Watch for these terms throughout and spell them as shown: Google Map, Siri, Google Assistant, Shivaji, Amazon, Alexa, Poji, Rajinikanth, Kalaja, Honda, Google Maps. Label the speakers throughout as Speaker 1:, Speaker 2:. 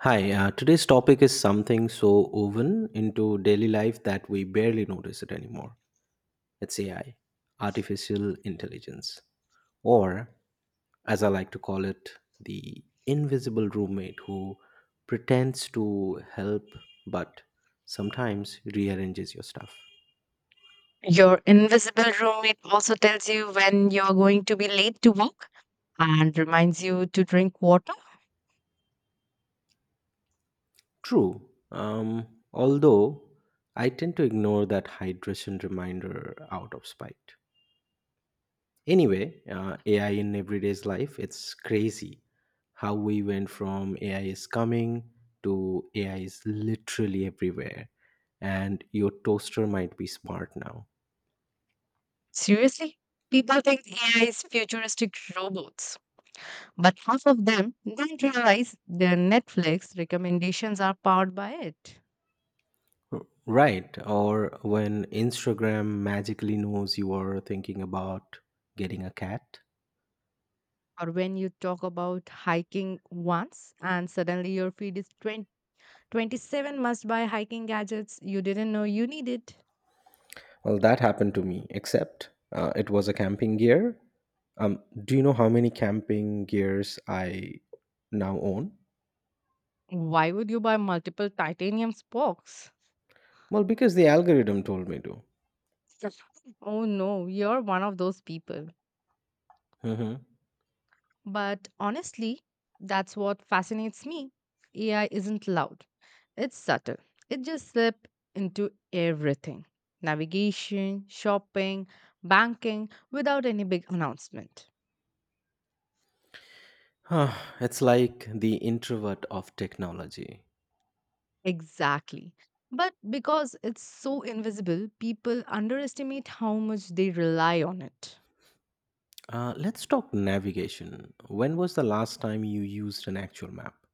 Speaker 1: Hi, today's topic is something so woven into daily life that we barely notice it anymore. It's AI, artificial intelligence, or as I like to call it, the invisible roommate who pretends to help but sometimes rearranges your stuff.
Speaker 2: Your invisible roommate also tells you when you're going to be late to work and reminds you to drink water.
Speaker 1: True. Although I tend to ignore that hydration reminder out of spite. Anyway, AI in everyday's life, it's crazy how we went from AI is coming to AI is literally everywhere. And your toaster might be smart now.
Speaker 2: Seriously, people think AI is futuristic robots, but half of them don't realize their Netflix recommendations are powered by it.
Speaker 1: Right. Or when Instagram magically knows you are thinking about getting a cat.
Speaker 2: Or when you talk about hiking once and suddenly your feed is 20, 27 must buy hiking gadgets you didn't know you needed.
Speaker 1: Well, that happened to me, except it was a camping gear. Do you know how many camping gears I now own?
Speaker 2: Why would you buy multiple titanium spokes?
Speaker 1: Well, because the algorithm told me to.
Speaker 2: Oh no, you're one of those people.
Speaker 1: Mhm.
Speaker 2: But honestly, that's what fascinates me. AI isn't loud, it's subtle. It just slips into everything navigation, shopping, banking without any big announcement.
Speaker 1: It's like the introvert of technology.
Speaker 2: Exactly. But because it's so invisible, people underestimate how much they rely on it.
Speaker 1: Let's talk navigation. When was the last time you used an actual map?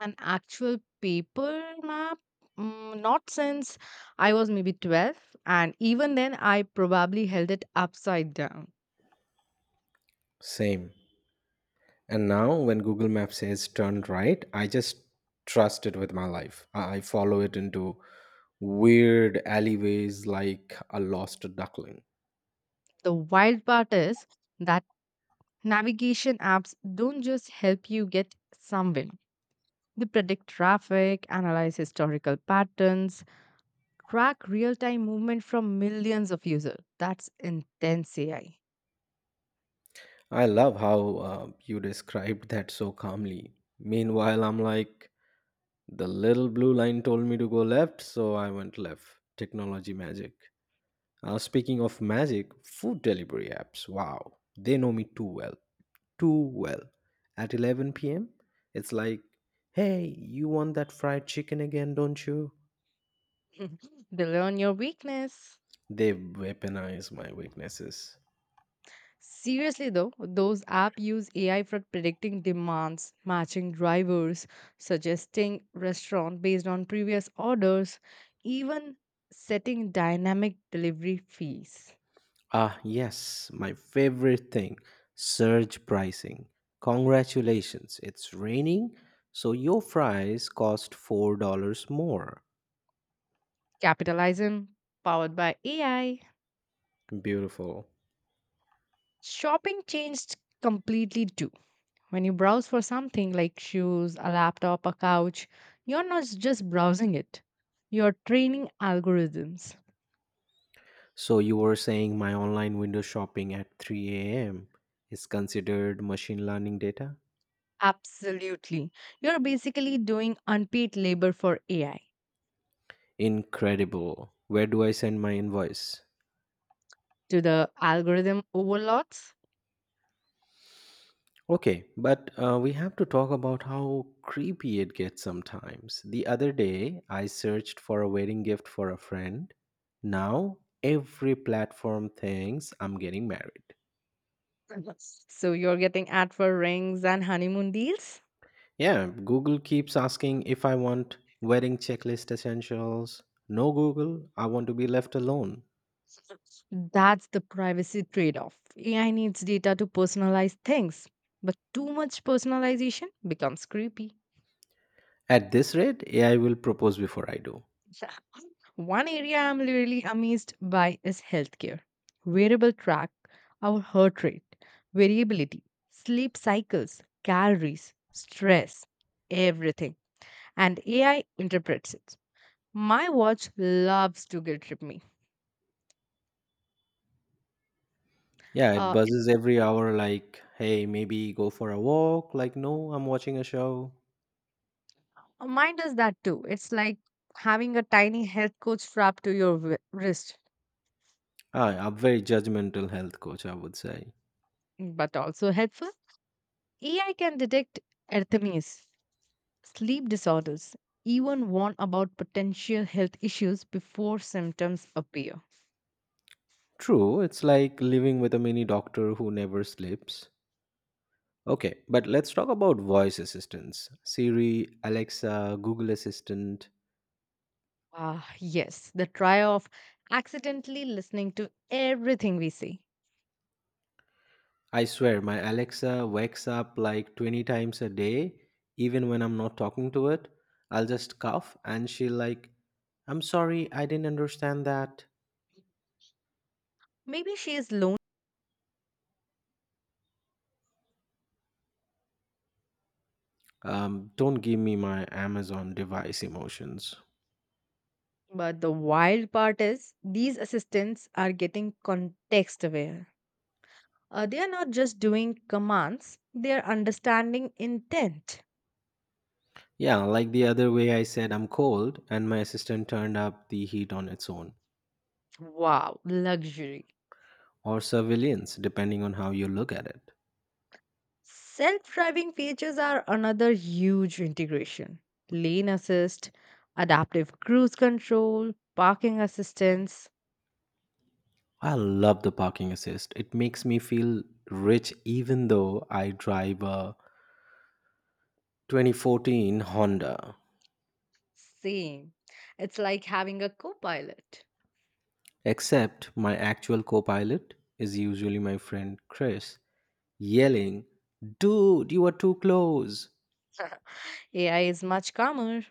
Speaker 2: An actual paper map? Not since I was maybe 12, and even then, I probably held it upside down.
Speaker 1: Same. And now, when Google Maps says turn right, I just trust it with my life. I follow it into weird alleyways like a lost duckling.
Speaker 2: The wild part is that navigation apps don't just help you get somewhere, they predict traffic, analyze historical patterns, track real time movement from millions of users. That's intense AI.
Speaker 1: I love how you described that so calmly. Meanwhile, I'm like, the little blue line told me to go left, so I went left. Technology magic. Speaking of magic, food delivery apps. Wow, they know me too well. At 11 p.m., it's like, hey, you want that fried chicken again, don't you?
Speaker 2: They learn your weakness.
Speaker 1: They weaponize my weaknesses.
Speaker 2: Seriously though, those apps use AI for predicting demands, matching drivers, suggesting restaurant based on previous orders, even setting dynamic delivery fees.
Speaker 1: Ah, yes, my favorite thing, surge pricing. Congratulations, it's raining, so your fries cost $4 more.
Speaker 2: Capitalism powered by AI.
Speaker 1: Beautiful.
Speaker 2: Shopping changed completely too. When you browse for something like shoes, a laptop, a couch, you're not just browsing it. You're training algorithms.
Speaker 1: So you were saying my online window shopping at 3 a.m. is considered machine learning data?
Speaker 2: Absolutely. You're basically doing unpaid labor for AI
Speaker 1: Incredible. Where do I send my invoice?
Speaker 2: to the algorithm overlords.
Speaker 1: Okay, but we have to talk about how creepy it gets sometimes. The other day, I searched for a wedding gift for a friend. Now, every platform thinks I'm getting married.
Speaker 2: So you're getting ad for rings and honeymoon deals.
Speaker 1: Yeah, Google keeps asking if I want wedding checklist essentials. No, Google, I want to be left alone.
Speaker 2: That's the privacy trade off. AI needs data to personalize things, but too much personalization becomes creepy.
Speaker 1: At this rate, AI will propose before I do.
Speaker 2: One area I'm really amazed by is healthcare. Wearable track our heart rate, variability, sleep cycles, calories, stress, everything. And AI interprets it. My watch loves to guilt trip me.
Speaker 1: Yeah, it
Speaker 2: Uh, it-
Speaker 1: buzzes every hour like, hey, maybe go for a walk. Like, no, I'm watching a show.
Speaker 2: Mine does that too. It's like having a tiny health coach strapped to your wrist,
Speaker 1: I, a very judgmental health coach, I would say.
Speaker 2: but also helpful. AI can detect arrhythmias, sleep disorders, even warn about potential health issues before symptoms appear.
Speaker 1: True, it's like living with a mini doctor who never sleeps. Okay, but let's talk about voice assistants, Siri, Alexa, Google Assistant.
Speaker 2: Ah, yes, the trial of accidentally listening to everything we say.
Speaker 1: I swear, my Alexa wakes up like 20 times a day, even when I'm not talking to it. I'll just cough and she'll like, I'm sorry, I didn't understand that.
Speaker 2: Maybe she is lonely,
Speaker 1: Don't give me my Amazon device emotions.
Speaker 2: but the wild part is these assistants are getting context aware. They are not just doing commands, they are understanding intent.
Speaker 1: Yeah, like the other way I said I'm cold, and my assistant turned up the heat on its own,
Speaker 2: Wow, luxury.
Speaker 1: or surveillance, depending on how you look at it.
Speaker 2: Self driving features are another huge integration. Lane assist, adaptive cruise control, parking assistance.
Speaker 1: I love the parking assist. It makes me feel rich even though I drive a 2014 Honda.
Speaker 2: Same. It's like having a co pilot.
Speaker 1: Except my actual co pilot is usually my friend Chris, yelling, dude, you are too close.
Speaker 2: AI is much calmer.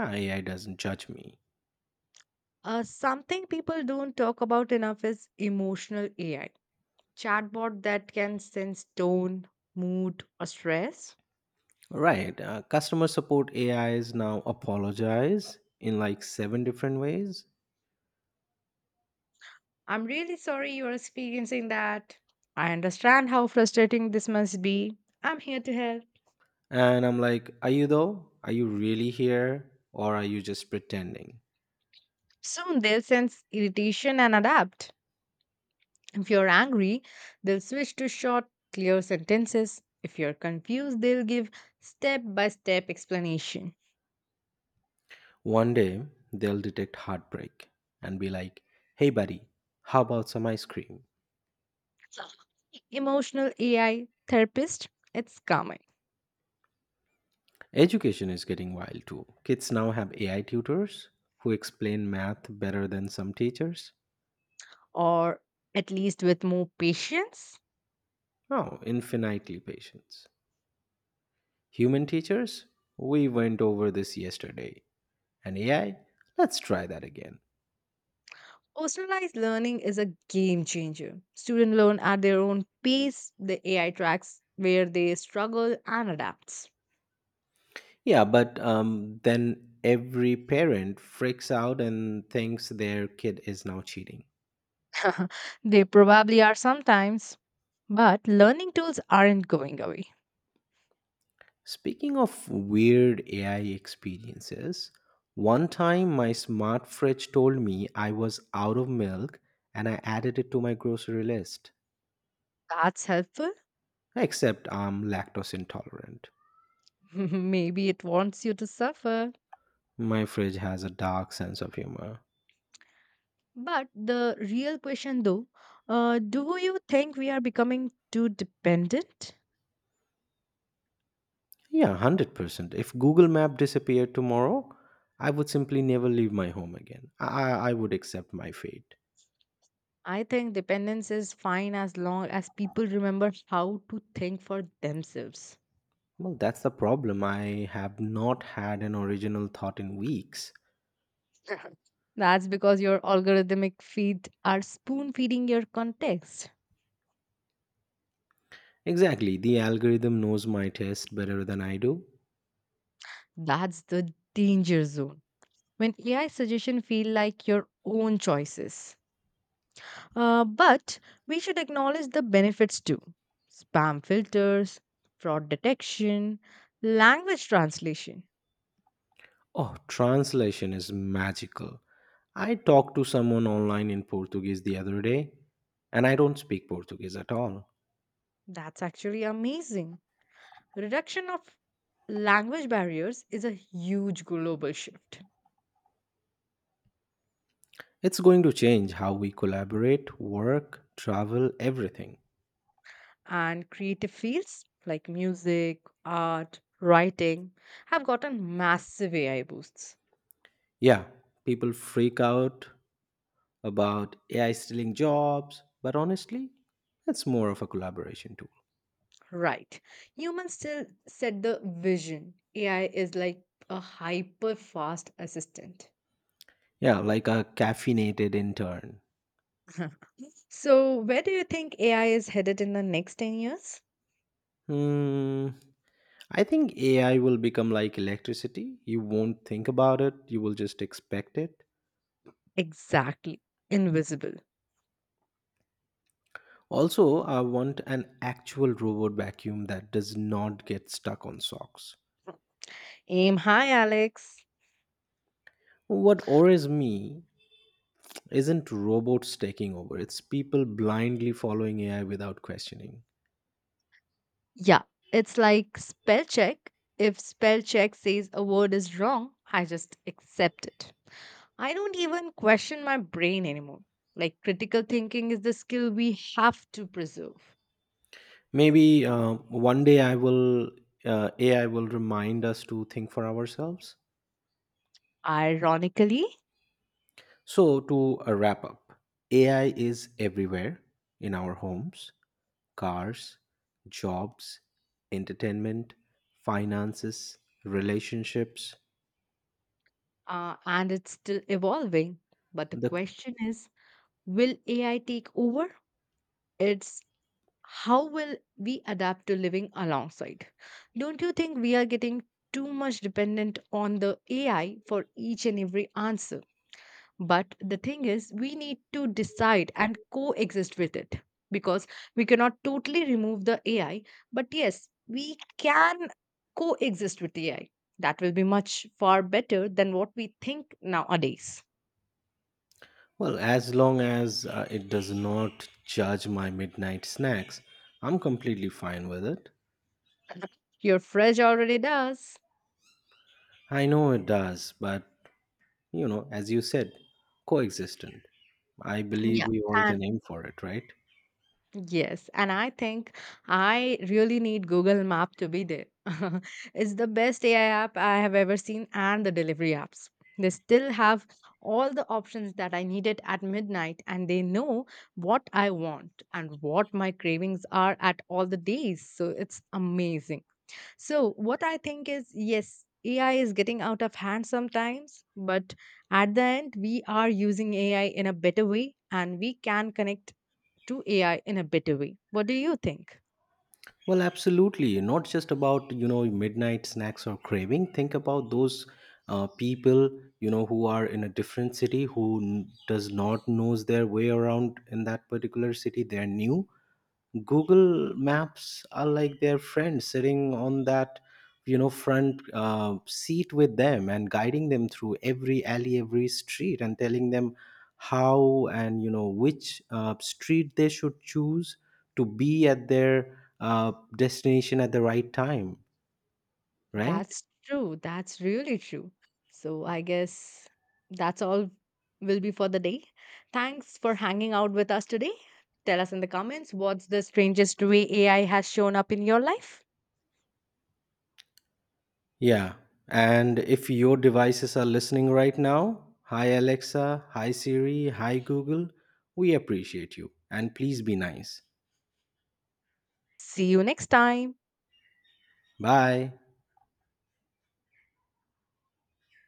Speaker 1: AI doesn't judge me.
Speaker 2: Something people don't talk about enough is emotional AI. Chatbot that can sense tone, mood, or stress.
Speaker 1: Right. Customer support A is now apologize in like seven different ways.
Speaker 2: I'm really sorry you are experiencing that. I understand how frustrating this must be. I'm here to help.
Speaker 1: And I'm like, are you though? Are you really here? Or are you just pretending?
Speaker 2: Soon they'll sense irritation and adapt. If you're angry, they'll switch to short, clear sentences. If you're confused, they'll give step by step explanation.
Speaker 1: One day, they'll detect heartbreak and be like, hey, buddy, how about some ice cream?
Speaker 2: Emotional AI therapist, it's coming,
Speaker 1: Education is getting wild too. Kids now have AI tutors who explain math better than some teachers.
Speaker 2: or at least with more patience.
Speaker 1: Oh, infinitely patience. Human teachers? We went over this yesterday. And AI? Let's try that again.
Speaker 2: Personalized learning is a game changer. Students learn at their own pace, the AI tracks where they struggle and adapts.
Speaker 1: Yeah, but then every parent freaks out and thinks their kid is now cheating.
Speaker 2: They probably are sometimes, but learning tools aren't going away.
Speaker 1: Speaking of weird AI experiences, one time my smart fridge told me I was out of milk and I added it to my grocery list,
Speaker 2: That's helpful.
Speaker 1: except I'm lactose intolerant.
Speaker 2: Maybe it wants you to suffer.
Speaker 1: My fridge has a dark sense of humor.
Speaker 2: But the real question, though, do you think we are becoming too dependent?
Speaker 1: Yeah, 100%. If Google Map disappeared tomorrow, I would simply never leave my home again. I would accept my fate.
Speaker 2: I think dependence is fine as long as people remember how to think for themselves.
Speaker 1: Well, that's the problem. I have not had an original thought in weeks.
Speaker 2: That's because your algorithmic feed are spoon feeding your context.
Speaker 1: Exactly. The algorithm knows my taste better than I do.
Speaker 2: That's the danger zone when AI suggestions feel like your own choices. But we should acknowledge the benefits too. Spam filters, fraud detection, language translation.
Speaker 1: Oh, translation is magical. I talked to someone online in Portuguese the other day, and I don't speak Portuguese at all.
Speaker 2: That's actually amazing. Reduction of language barriers is a huge global shift.
Speaker 1: It's going to change how we collaborate, work, travel, everything.
Speaker 2: And creative fields like music, art, writing have gotten massive AI boosts.
Speaker 1: Yeah, people freak out about AI stealing jobs, but honestly, it's more of a collaboration tool.
Speaker 2: Right. Humans still set the vision. AI is like a hyper fast assistant.
Speaker 1: Yeah, like a caffeinated intern.
Speaker 2: So, where do you think AI is headed in the next 10 years?
Speaker 1: Hmm. I think AI will become like electricity. You won't think about it, you will just expect it.
Speaker 2: Exactly. Invisible.
Speaker 1: Also, I want an actual robot vacuum that does not get stuck on socks.
Speaker 2: Aim high, Alex.
Speaker 1: What worries me isn't robots taking over, it's people blindly following AI without questioning.
Speaker 2: Yeah. It's like spell check. If spell check says a word is wrong, I just accept it. I don't even question my brain anymore. Like, critical thinking is the skill we have to preserve.
Speaker 1: Maybe one day I will AI will remind us to think for ourselves.
Speaker 2: Ironically,
Speaker 1: So to wrap up, AI is everywhere, in our homes, cars, jobs, entertainment, finances, relationships.
Speaker 2: and it's still evolving. But the
Speaker 1: The
Speaker 2: question is will AI take over? It's how will we adapt to living alongside? Don't you think we are getting too much dependent on the AI for each and every answer? But the thing is, we need to decide and coexist with it because we cannot totally remove the AI. But yes, we can coexist with AI. That will be much far better than what we think nowadays.
Speaker 1: well, as long as it does not judge my midnight snacks, I'm completely fine with it.
Speaker 2: Your fridge already does.
Speaker 1: I know it does, but you know, as you said, coexistent. I believe
Speaker 2: Yeah.
Speaker 1: we all
Speaker 2: And
Speaker 1: can aim for it, right?
Speaker 2: Yes, and I think I really need Google Map to be there. It's the best AI app I have ever seen, and the delivery apps. They still have all the options that I needed at midnight, and they know what I want and what my cravings are at all the days. So it's amazing. So, what I think is yes, AI is getting out of hand sometimes, but at the end, we are using AI in a better way and we can connect to AI in a better way. What do you think?
Speaker 1: Well, absolutely. Not just about you know midnight snacks or craving. Think about those people you know who are in a different city who does not knows their way around in that particular city. They're new. Google Maps are like their friend sitting on that you know front seat with them and guiding them through every alley, every street, and telling them how and you know which street they should choose to be at their destination at the right time, right?
Speaker 2: That's true. That's really true. So, I guess that's all will be for the day. Thanks for hanging out with us today. Tell us in the comments what's the strangest way AI has shown up in your life.
Speaker 1: Yeah. And if your devices are listening right now, hi Alexa, hi Siri, hi Google, we appreciate you. And please be nice.
Speaker 2: See you next time.
Speaker 1: Bye.